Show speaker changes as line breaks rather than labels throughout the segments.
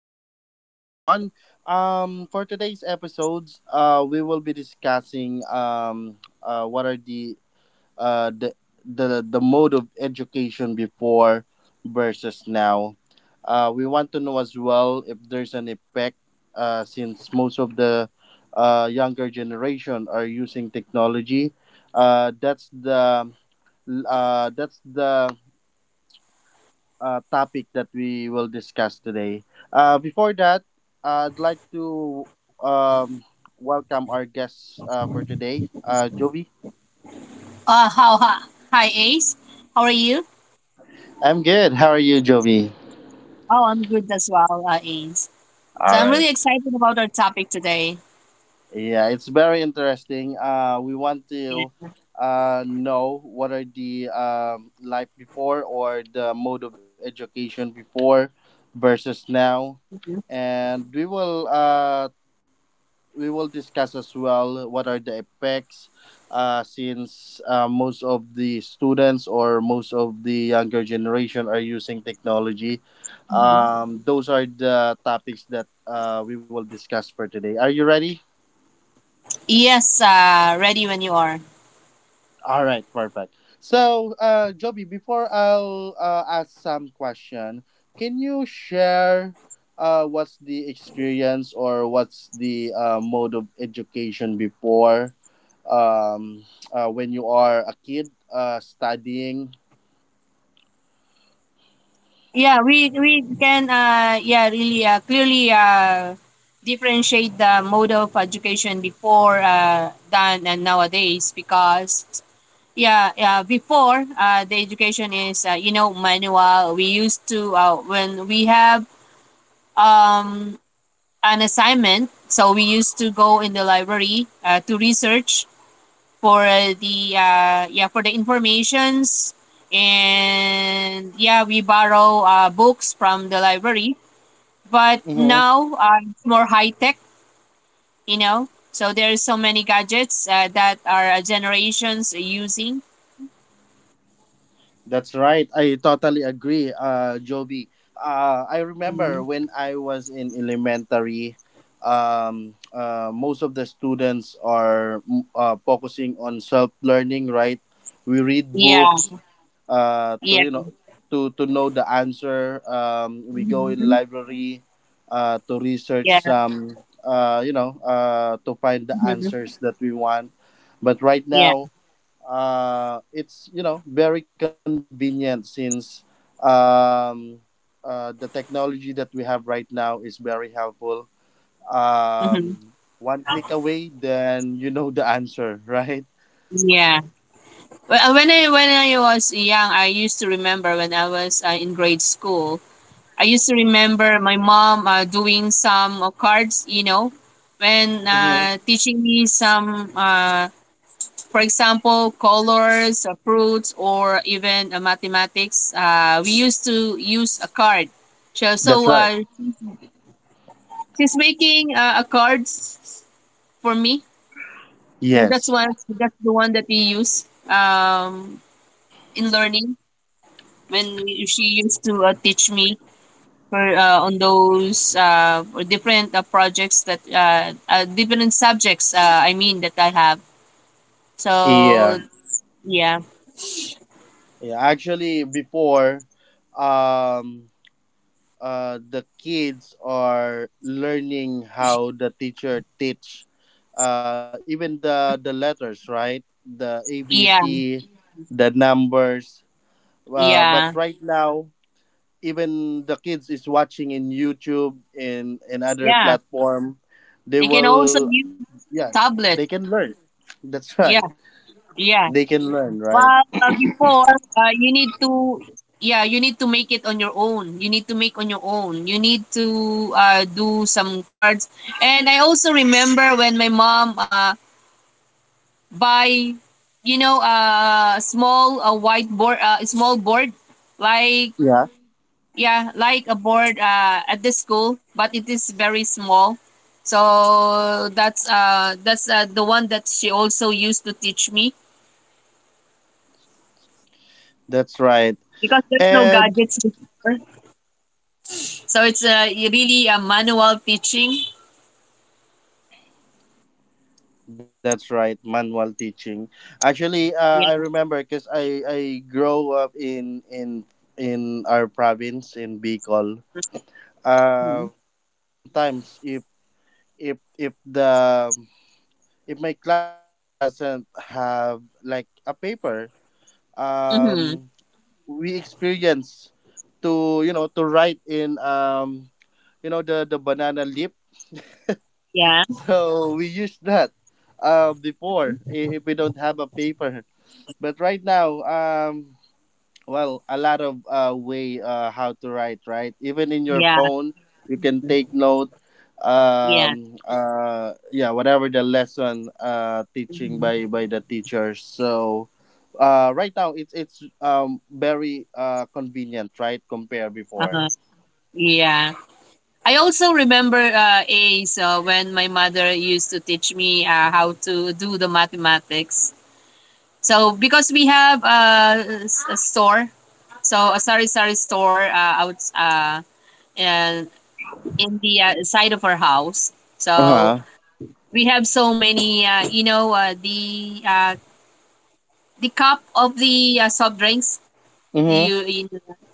right, good day everyone. For today's episodes, we will be discussing what are the mode of education before versus now. We want to know as well if there's an effect, since most of the younger generation are using technology. Uh, that's the that's the topic that we will discuss today. Before that, I'd like to welcome our guests, for today, Jovi.
Hi, hi, Ace. How are you?
I'm good. How are you, Jovi?
Oh, I'm good as well, Ace. So
All
I'm
right.
really excited about our topic today.
Yeah, it's very interesting. We want to
Yeah.
know what are the life before or the mode of education before versus now.
Mhm.
And we will discuss as well what are the effects, since most of the students or most of the younger generation are using technology.
Mhm.
Those are the topics that we will discuss for today. Are you ready?
Yes, ready when you are.
All right, perfect. So, Joby, before I'll ask some question, can you share, what's the experience or what's the mode of education before, um, when you are a kid studying?
We can yeah really clearly differentiate the mode of education before than and nowadays because yeah, before the education is, you know, manual. We used to when we have um an assignment. So we used to go in the library to research for the yeah for the informations, and yeah, we borrow books from the library. But now it's more high tech, you know. So there are so many gadgets that our generations are using.
That's right. I totally agree, Joby. I remember
Mhm.
when I was in elementary, most of the students are focusing on self learning. Right, we read
Yeah,
books to
yeah,
you know to know the answer. We go in
hmm,
library, to
yeah,
research some, to find the
hmm,
answers that we want. But right
yeah,
now, it's you know very convenient since, um, the technology that we have right now is very helpful.
hmm,
One click away, then you know the answer, right?
yeah. Well, when I was young, I used to remember when I was in grade school. I used to remember my mom doing some cards, you know, when
Mhm.
teaching me some, for example, colors, fruits, or even mathematics. We used to use a card. So, so
That's
uh,
right.
she's making a cards for me. So that's
Yes.
one. That's the one that we use in learning, when she used to teach me her on those different projects that different subjects I mean that I have. So
Yeah.
yeah,
Yeah. Actually, before, um, the kids are learning how the teacher teach, even the letters, right, the
yeah,
ABC, the numbers, but
yeah,
right now even the kids is watching in youtube and other
yeah.
platform. They
They can also
will,
use
yeah,
tablet.
they can learn, that's right,
Yeah, yeah.
they can learn, right,
Well, before you need to, yeah, you need to make it on your own you need to make on your own you need to do some cards. And I also remember when my mom by you know, a small a white board, a small board, like
yeah,
yeah, like a board at the school, but it is very small. So that's the one that she also used to teach me,
that's right.
because there's no
And
gadgets before. So it's really a manual teaching,
that's right, manual teaching. Actually, I
yeah.
remember because I grow up in our province in Bicol. Sometimes if if the if my classmate doesn't have like a paper,
Mm-hmm.
um, we experience to write in the banana leaf.
Yeah,
So we use that, before if we don't have a paper. But right now, well a lot of way how to write, right, even in your
yeah,
phone you can take note,
yeah,
yeah, whatever the lesson teaching by
hmm,
by the teachers. So right now it's very convenient, right, compare before.
uh-huh. Yeah, I also remember A, so when my mother used to teach me how to do the mathematics. So because we have a store, so a sari sari store out and in the side of our house. So
Uh-huh.
we have so many, you know, the cup of the soft drinks.
Mm-hmm.
You,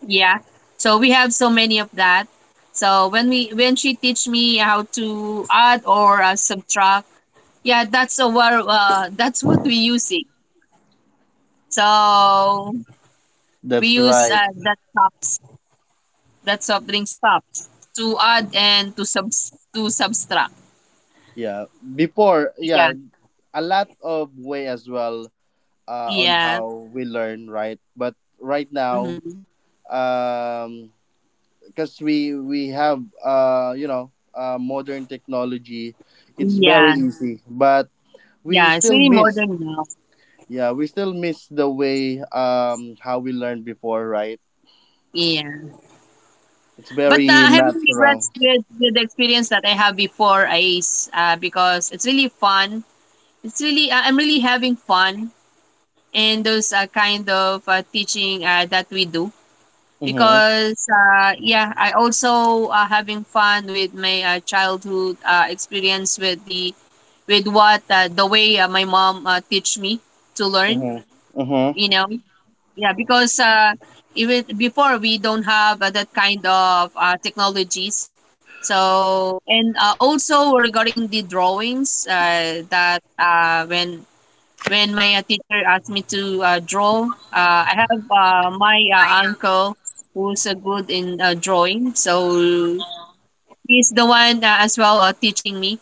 yeah, so we have so many of that. So when she teach me how to add or subtract, yeah, that's our that's what we using. So we
That's
use
right,
that cups, that soft drinks cups, to add and to subtract.
yeah, before,
Yeah,
yeah, a lot of way as well on
yeah,
how we learn, right, but right now,
hmm,
um because we have modern technology. It's very
yeah,
easy but we
yeah, it's
still
really
miss,
modern now,
yeah, we still miss the way how we learned before, right.
yeah.
It's
But
very
I have no
natural.
regrets with the experience that I have before, ICE, because it's really fun. It's really I'm really having fun in those kind of teaching that we do,
Mm-hmm.
because yeah, I also having fun with my childhood experience with the, with what the way my mom teach me to learn,
Mm-hmm. Mm-hmm.
you know. Yeah, because even before, we don't have that kind of technologies. So, and also regarding the drawings, that when my teacher asked me to draw, I have my uncle who's good in drawing. So he's the one as well teaching me.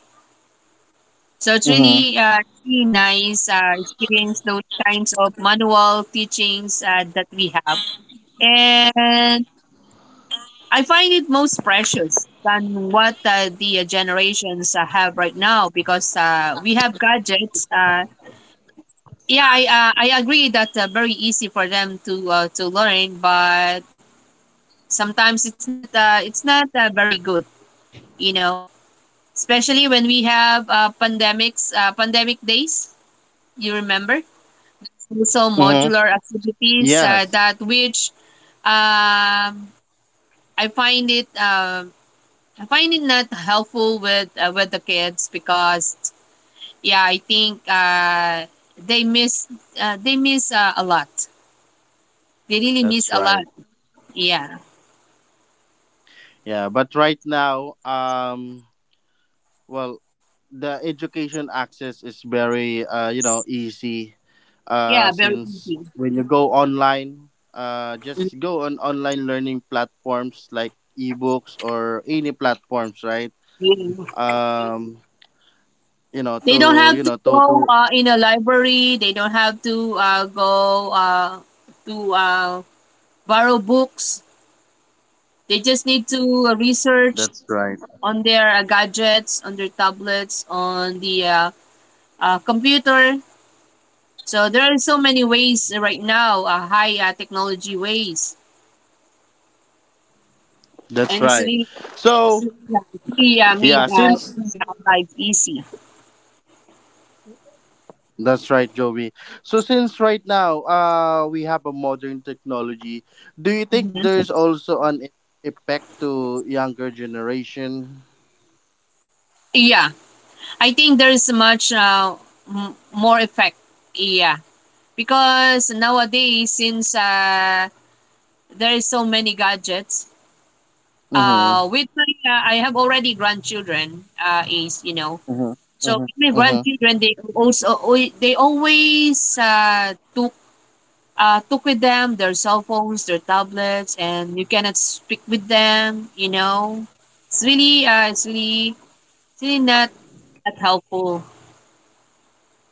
Mm-hmm.
So it's really really nice experience, those kinds of manual teachings that we have. And I find it most precious than what the generations have right now, because we have gadgets. Yeah, I agree that very easy for them to learn, but sometimes it's not very good, you know. Especially when we have pandemic days. You remember?
Mm-hmm.
Also
Yes,
modular activities that which um, I find it. I find it not helpful with the kids, because yeah, I think they miss they miss a lot. They really
that's
miss a
right,
lot. Yeah,
yeah. But right now, well, the education access is very, you know, easy,
yeah, very
since
easy.
when you go online,
Mm,
just go on online learning platforms like ebooks or any platforms, right?
yeah.
Um, you know
They don't
to, you
have to
know, to
go
to.
in a library. They don't have to go to borrow books. They just need to
That's right.
research on their gadgets, on their tablets, on the computer. So there are so many ways right now, high technology ways,
That's
and it's
right.
really,
So
yeah, it's really
yeah, since.
made our lives easy.
That's right, Joey. So since right now, we have a modern technology, do you think
Mhm.
there's also an effect to younger generation?
Yeah, I think there is much more effect. Yeah, because nowadays, since there is so many gadgets,
Mm-hmm.
with my I have already grandchildren. Is, you know,
Mm-hmm.
so
Mm-hmm.
with my
Mm-hmm.
grandchildren, they also, they always took with them their cell phones, their tablets, and you cannot speak with them. You know, it's really, uh, it's really, it's really not that helpful,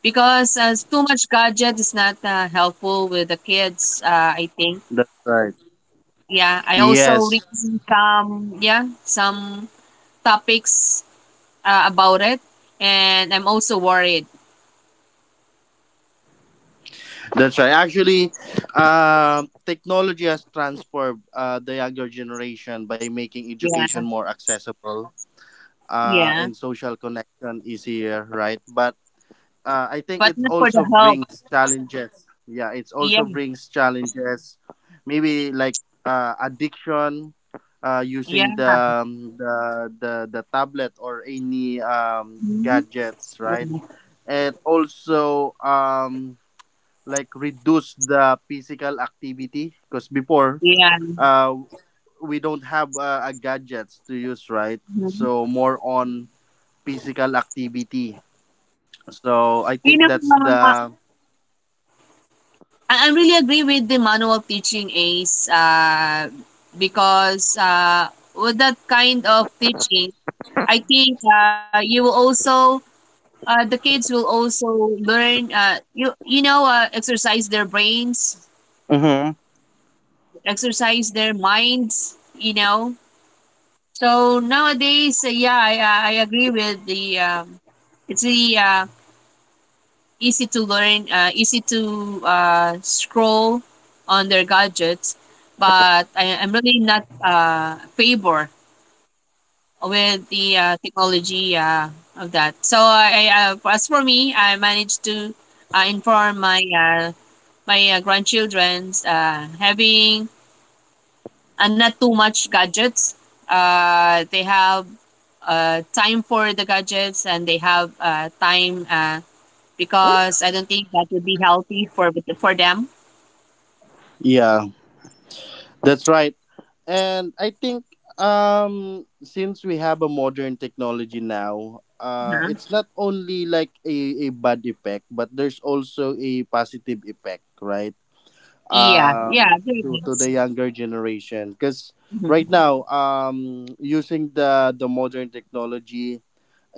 because too much gadget is not helpful with the kids. I think.
That's right.
Yeah, I also read
Yes,
some topics about it, and I'm also worried.
that's right. Actually, technology has transformed the younger generation by making education
Yeah,
more accessible,
yeah,
and social connection easier, right? But I think
but
it
not for the
also
health.
brings challenges. Yeah, it
Yeah,
also brings challenges. Maybe like, addiction, using the,
yeah,
um, the the the tablet or any,
mhm,
gadgets, right?
yeah.
And also, like reduce the physical activity because before,
Yeah.
uh, we don't have, a gadgets to use, right? So
Mhm.
more on physical activity. So I
You know,
think that's
uh,
the.
I really agree with the manual of teaching is because with that kind of teaching, I think you will also the kids will also learn you know exercise their brains,
Mm-hmm.
exercise their minds, you know. So nowadays, yeah, I agree with the it's the easy to learn, easy to scroll on their gadgets, but I'm really not favor with the technology of that. So as for me, I managed to inform my grandchildrens having not too much gadgets. They have time for the gadgets and they have time, because I don't think that would be healthy for them.
Yeah, that's right. And I think, since we have a modern technology now,
Mhm.
it's not only like a bad effect, but there's also a positive effect, right?
Yeah, yeah, there
To
is.
the younger generation. Because right
Mhm.
now, using the modern technology,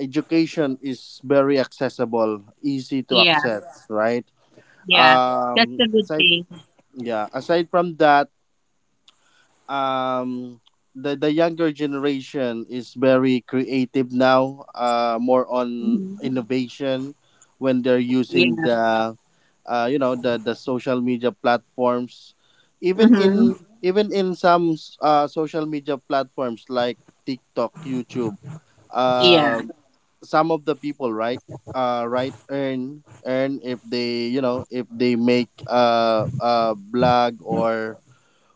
education is very accessible, easy to
Yeah,
access, right?
yeah, that's a good
Aside
thing.
yeah, aside from that, um the younger generation is very creative now, more on
Hmm,
innovation when they're
yeah,
using the, the social media platforms, even
hmm,
in even in social media platforms like TikTok, YouTube,
yeah,
um some of the people, right, right earn if they, you know, if they make a blog, or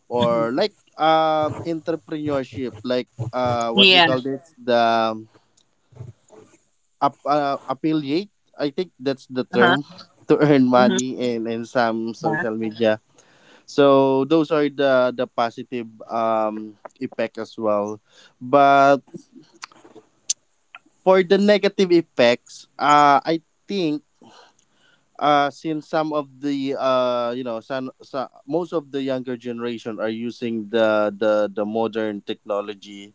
hmm,
like, entrepreneurship like what they
yeah,
call this, the affiliate, I think that's the
uh-huh,
term, to earn
hmm,
money in some
yeah,
social media. So those are the positive, effect as well. But for the negative effects, I think, since some of the, some most of the younger generation are using the modern technology,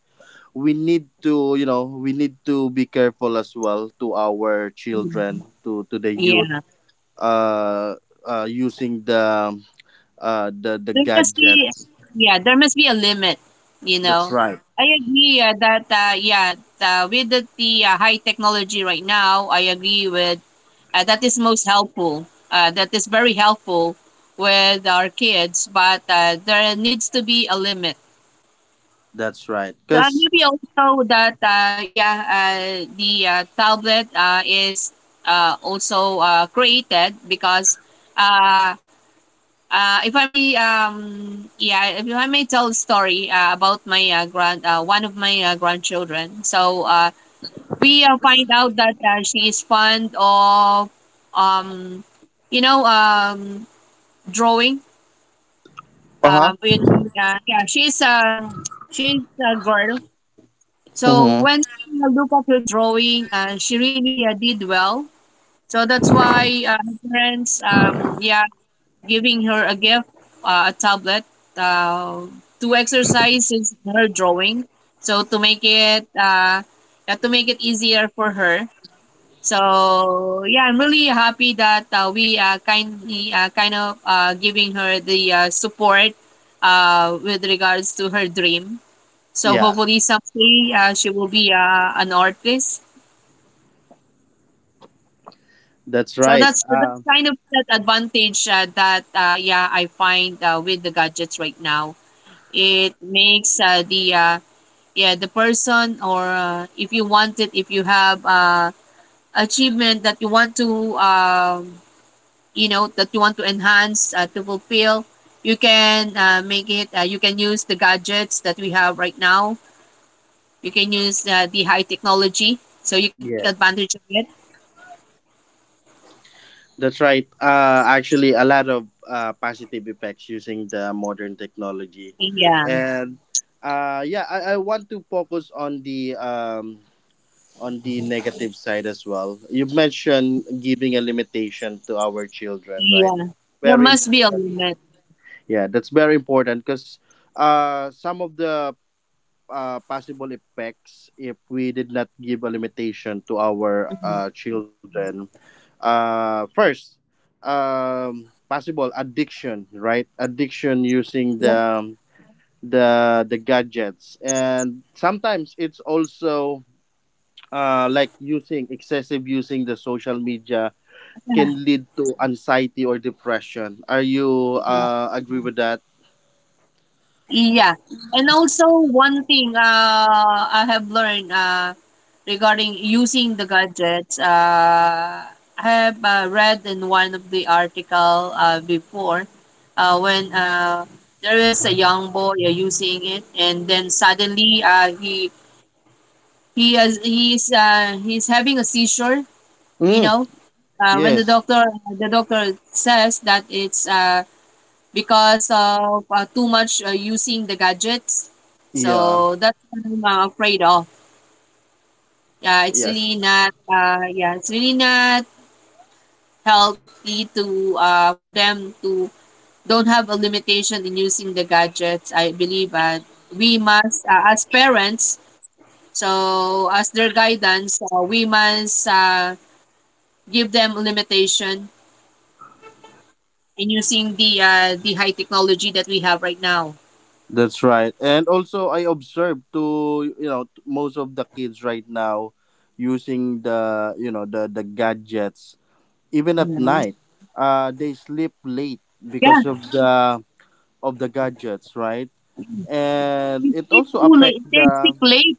we need to, you know, we need to be careful as well to our
hmm,
children, to the youth,
yeah.
uh, using the, the
There must be,
gadgets.
yeah, there must be a limit, you
That's
know.
right,
I agree that, yeah, the high technology right now. I agree with that is most helpful, that is very helpful with our kids, but there needs to be a limit.
that's right,
So
because.
maybe also that yeah, the tablet is also created because uh, if I may yeah, if I may tell a story about my grand one of my grandchildren. So we find out that she is fond of, um you know, drawing.
Uh-huh.
uh, when, yeah, she's a, she's a girl. So
Mm-hmm.
when we look at her drawing, she really did well. So that's why her parents, yeah, giving her a gift, a tablet, uh, to exercise is her drawing, so to make it yeah, to make it easier for her. So yeah, I'm really happy that we kind of giving her the support with regards to her dream. So
Yeah,
hopefully someday she will be an artist.
that's
So
right,
that's kind of that advantage that yeah, I find with the gadgets right now. It makes the yeah, the person, or if you want it, if you have achievement that you want to you know, that you want to enhance to fulfill, you can make it you can use the gadgets that we have right now, you can use the high technology, so you can take
yeah,
advantage of it,
that's right. Actually, a lot of positive effects using the modern technology.
yeah,
And yeah, I want to focus on the, on the negative side as well. You mentioned giving a limitation to our children, right?
yeah. There
Very
must be a
important.
limit.
Yeah, that's very important because, some of the, possible effects if we did not give a limitation to our,
Mhm.
children. First, possible addiction, right? Addiction
Yeah.
using the gadgets. And sometimes it's also, like using excessive using the social media can lead to anxiety or depression. Are you,
Yeah.
agree with that?
Yeah. And also, one thing I have learned regarding using the gadgets, I have read in one of the article before, when there is a young boy using it, and then suddenly he is he's having a seizure, you
Mm,
know. When the
yes.
doctor The doctor says that it's because of too much using the gadgets.
Yeah.
So that's what I'm afraid of. Yeah, it's
Yes.
really not. Yeah, it's really not healthy to for them to don't have a limitation in using the gadgets, I believe. But we must as parents, so as their guidance, we must give them a limitation in using the high technology that we have right now.
That's right. And also, I observed to, you know, most of the kids right now using the, you know, the gadgets even at
Mhm.
night. They sleep late because
Yeah.
of the gadgets, right? And
They
it
sleep
also
too
affect
late. They
the,
sleep late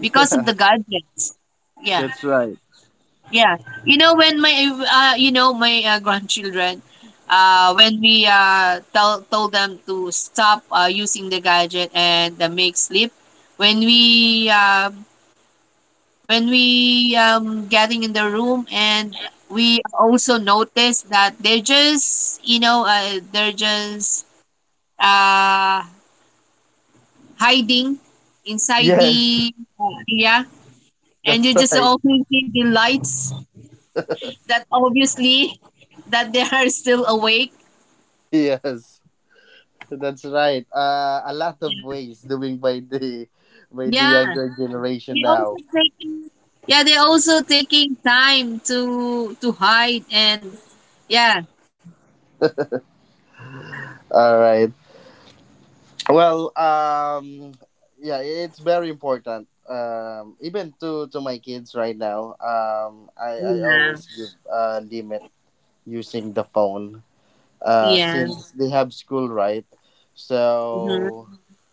of the
yeah.
gadgets. Yeah,
That's right.
yeah. You know when my you know my grandchildren, when we tell told them to stop using the gadget and make sleep, when we um when we getting in the room, and we also notice that they're just uh hiding inside
Yes,
the, yeah, and you
that's
just
right.
only see the lights that obviously that they are still awake.
Yes, that's right. A lot of ways doing by the,
Yeah,
younger generation
they also
now.
taking yeah they also taking time to hide and. Yeah,
All right. Well, yeah, it's very important. Even to my kids right now. I
yeah,
always give a limit using the phone.
yeah,
Since they have school, right?
hmm,
So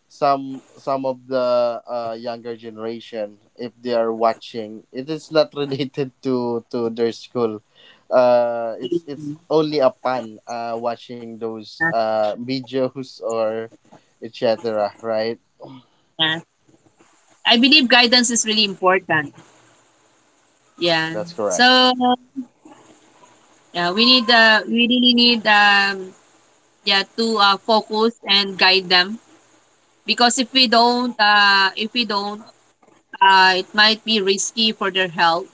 some of the, younger generation, if they are watching, it is not related to their school. It's
yeah,
only a fun, watching those, videos or etc. Right?
yeah. I believe guidance is really important.
That's
Yeah.
correct.
So, yeah, we really need yeah to focus and guide them, because if we don't, it might be risky for their health.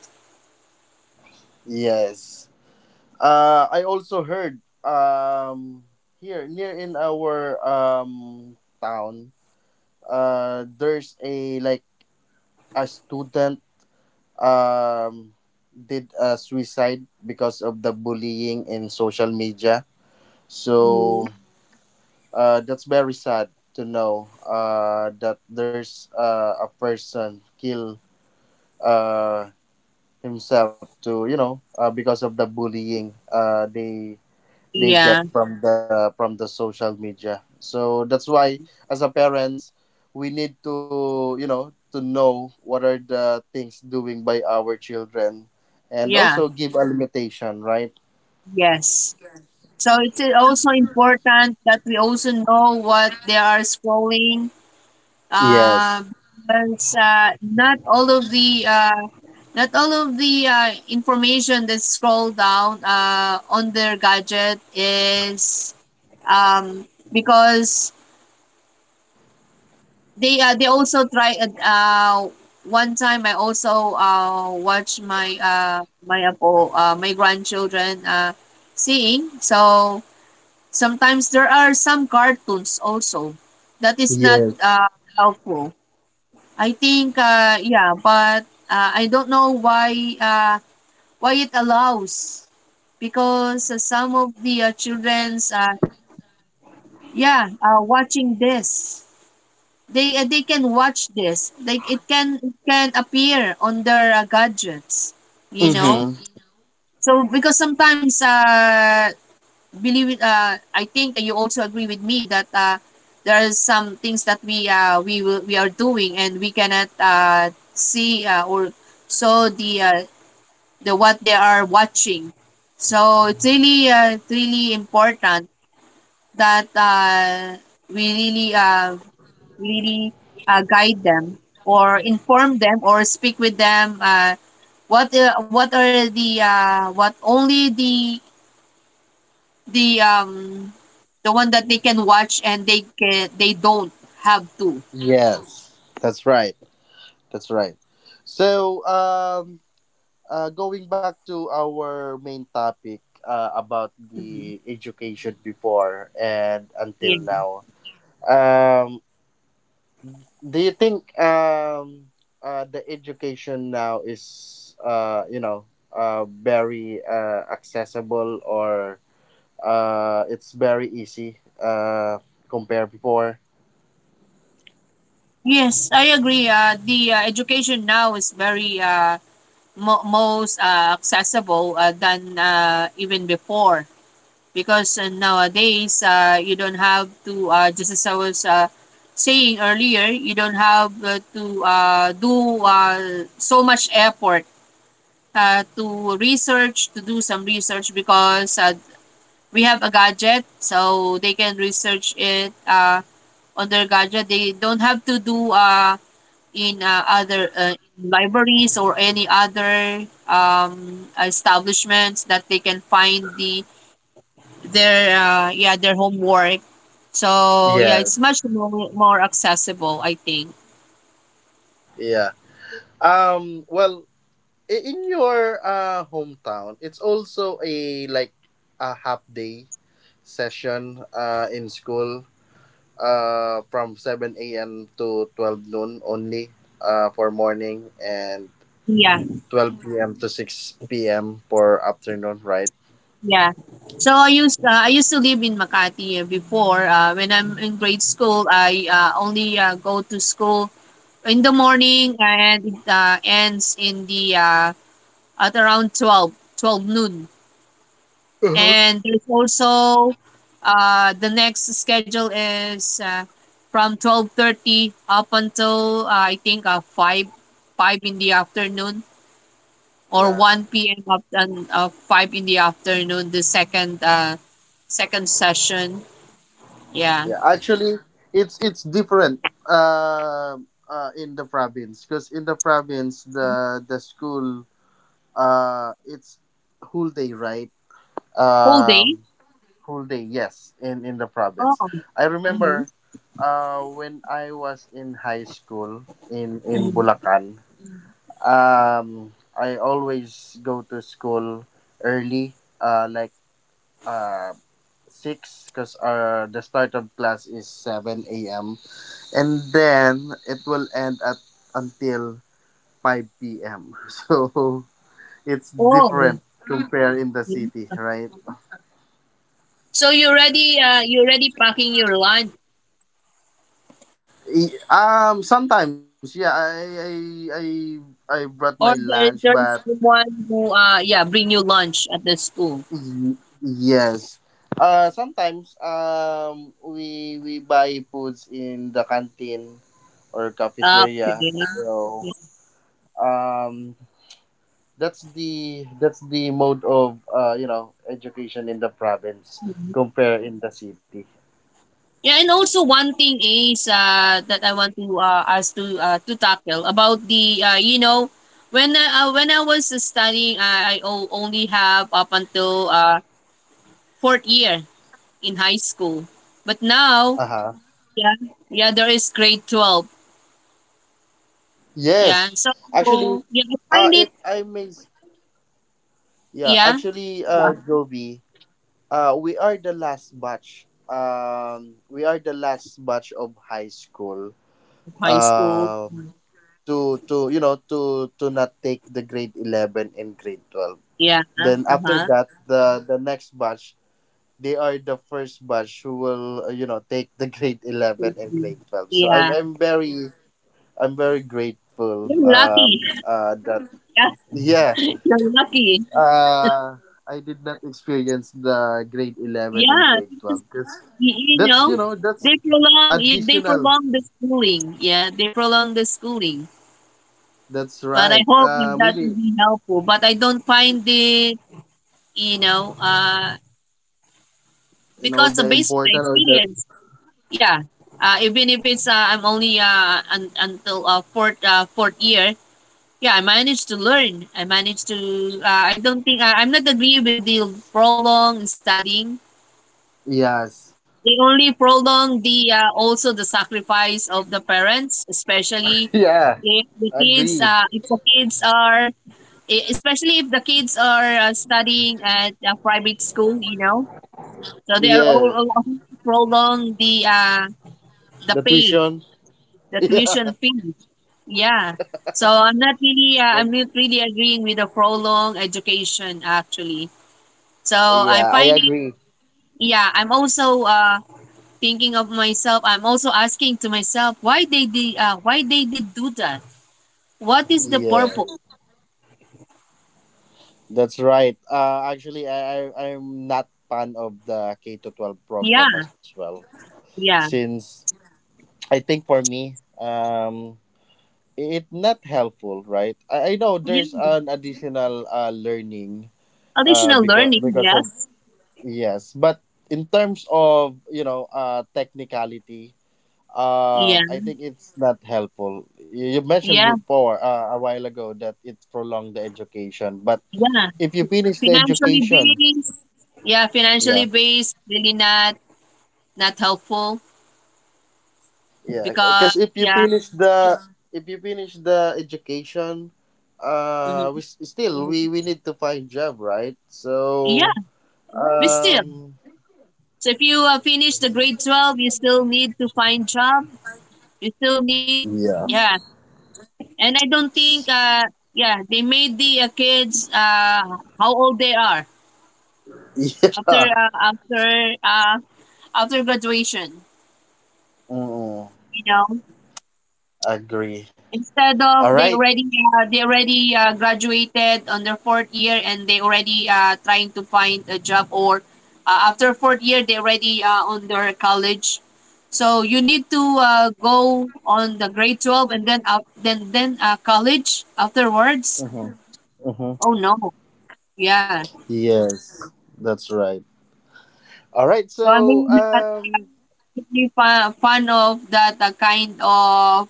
Yes. I also heard, here near in our, town, there's a like a student, um, did a suicide because of the bullying in social media.
Mm.
So, that's very sad to know, that there's, a person kill, uh, himself to, you know, because of the bullying, they
Yeah,
get from the social media. So that's why as a parents we need to, you know, to know what are the things doing by our children, and
yeah,
also give a limitation, right.
yes. So it's also important that we also know what they are scrolling.
Yes,
Uh, because not all of the information that's scrolled down on their gadget is, because they also try one time I also watch my grandchildren, seeing, so sometimes there are some cartoons also that is not
yes.
helpful. I think, but I don't know uh why it allows, because some of the children's, yeah watching this. They can watch this. Like it can appear on their gadgets, you know.
Mm-hmm.
So because sometimes believe it, I think, you also agree with me that there are some things that we are doing, and we cannot see, or saw the what they are watching. So it's really, it's really important that, we really really guide them, or inform them, or speak with them, what are the, what only the um the one that they can watch, and they don't have to.
Yes, that's right, that's right. So, going back to our main topic, about
Mhm.
the education before and until
Yeah.
now. um. Do you think, the education now is, you know, very, accessible, or it's very easy, compared before.
Yes, I agree. The education now is very, most accessible than, even before, because nowadays, you don't have to, just as I was, saying earlier, you don't have to do so much effort to research, to do some research, because we have a gadget, so they can research it on their gadget. They don't have to do in other libraries or any other establishments that they can find their homework. So, yeah,
Yes,
it's much more accessible, I think.
yeah. Well, in your, hometown, it's also a like a half day session, in school, from 7 a.m to 12 noon only, for morning, and
Yeah,
12 p.m. to 6 p.m. for afternoon, right?
yeah. So I used to live in Makati before. When I'm in grade school, I only go to school in the morning, and it ends in the at around twelve noon.
Uh-huh.
And there's also, the next schedule is from 12:30 up until, I think, 5 in the afternoon, or
Yeah.
1 p.m. up and, 5 in the afternoon, the second session. Yeah.
Yeah. Actually, it's different. Uh, in the province, because in the province, the school, it's whole day, right?
Whole day.
Um, Whole day. Yes, in the province.
Oh.
I
Mhm,
remember, when I was in high school in
mhm.
Bulacan, I always go to school early, like uh six, because the start of class is 7 a.m. and then it will end at until 5 p.m. So it's
Oh.
different compare in the
Mhm.
city, right?
So you already packing your lunch,
Sometimes yeah, I I brought my
or
lunch,
there,
but
there's someone who bring you lunch at the school.
yes. Sometimes, we buy foods in the canteen or
Ah, okay.
cafeteria. So,
Yeah.
um that's the mode of, you know, education in the province
Mhm.
compare in the city.
Yeah, and also one thing is, that I want to, us to tackle about the, when I was studying, I only have up until fourth year in high school, but now.
Uh huh.
Yeah, yeah, there is grade 12. Yeah.
Yes,
So,
actually,
yeah, I find it.
if I may, yeah,
Yeah.
actually, Joby, we are the last batch. We are the last batch of high school.
High school.
Um, to you know to not take the grade 11 and grade 12.
Yeah. Uh
Then after
huh.
that, the next batch, they are the first batch who will, you know, take the grade 11 and grade 12. So i'm
Yeah,
i'm very, I'm very grateful,
you're lucky.
that
Yeah,
yeah,
you're lucky.
uh I did not experience the grade 11 and
Yeah,
grade
because
12 because
you
that's,
know
you know,
they
that's
prolong, they
additional,
prolong the schooling. Yeah, they prolong the schooling.
that's
But I
right,
hope that that will
maybe
be helpful. But I don't find it, you know, uh,
you know
because
the
based on my
important or the.
experience, yeah, even if it's I'm only until fourth year, yeah, I managed to learn. I managed to. I don't think, I'm not agree with the prolonged studying.
Yes,
They only prolong the, also the sacrifice of the parents, especially
yeah, agree,
if the kids are e- especially if the kids are studying at a private school, so they are all,
yeah,
all prolong the
the
pay
tuition,
the
yeah.
tuition fee. Yeah. So I'm
That-
not really agreeing with the prolonged education, actually. So I
yeah, I
find it.
agree.
Yeah, I'm also thinking of myself. I'm also asking to myself why they did do that. What is the
Yeah,
purpose?
that's right. Actually, I'm not fan of the K to 12 program
Yeah,
as well,
yeah,
since I think for me, it not helpful, right? I know there's
yeah.
an additional, learning,
Additional learning.
because of.
Yes.
Yes, but in terms of, you know, technicality,
Yeah,
I think it's not helpful. You mentioned
yeah,
before, a while ago that it prolonged the education, but
yeah.
if you finish the
Financially
education,
based. Yeah, financially
yeah,
based, really not helpful.
yeah.
Because,
Because if you
yeah.
finish the, education, we
Mhm.
still we need to find job, right.
Yeah,
So
we still.
um
So if you finish the grade 12, you still need to find job. You still need.
yeah.
Yeah. And I don't think, yeah, they made the, kids, how old they are after
Yeah,
uh, after uh, after graduation.
mm,
You know,
agree.
instead
All
of they
right.
already uh, they already uh, graduated on their fourth year, and they already trying to find a job, or after fourth year, they already on their college. So you need to go on the grade 12, and then up, then college afterwards.
Mm-hmm. Mm-hmm.
Oh no. Yeah.
Yes, that's right. All right.
So I'm
So
really really fun of that uh, kind of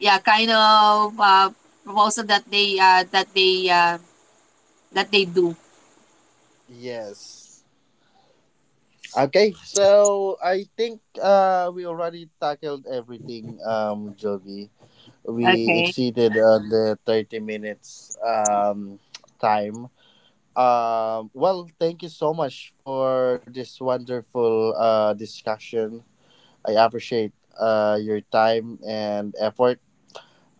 yeah kind of uh, proposal that they do.
yes. Okay, so I think, we already tackled everything, Jovi. We
Okay.
exceeded on the 30 minutes, time. Well, thank you so much for this wonderful, discussion. I appreciate, your time and effort,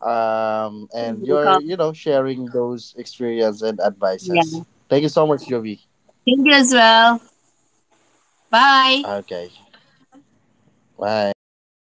You're
and your,
welcome.
you know, sharing those experience and advices.
Yeah.
Thank you so much, Jovi.
Thank you as well. Bye.
Okay, bye.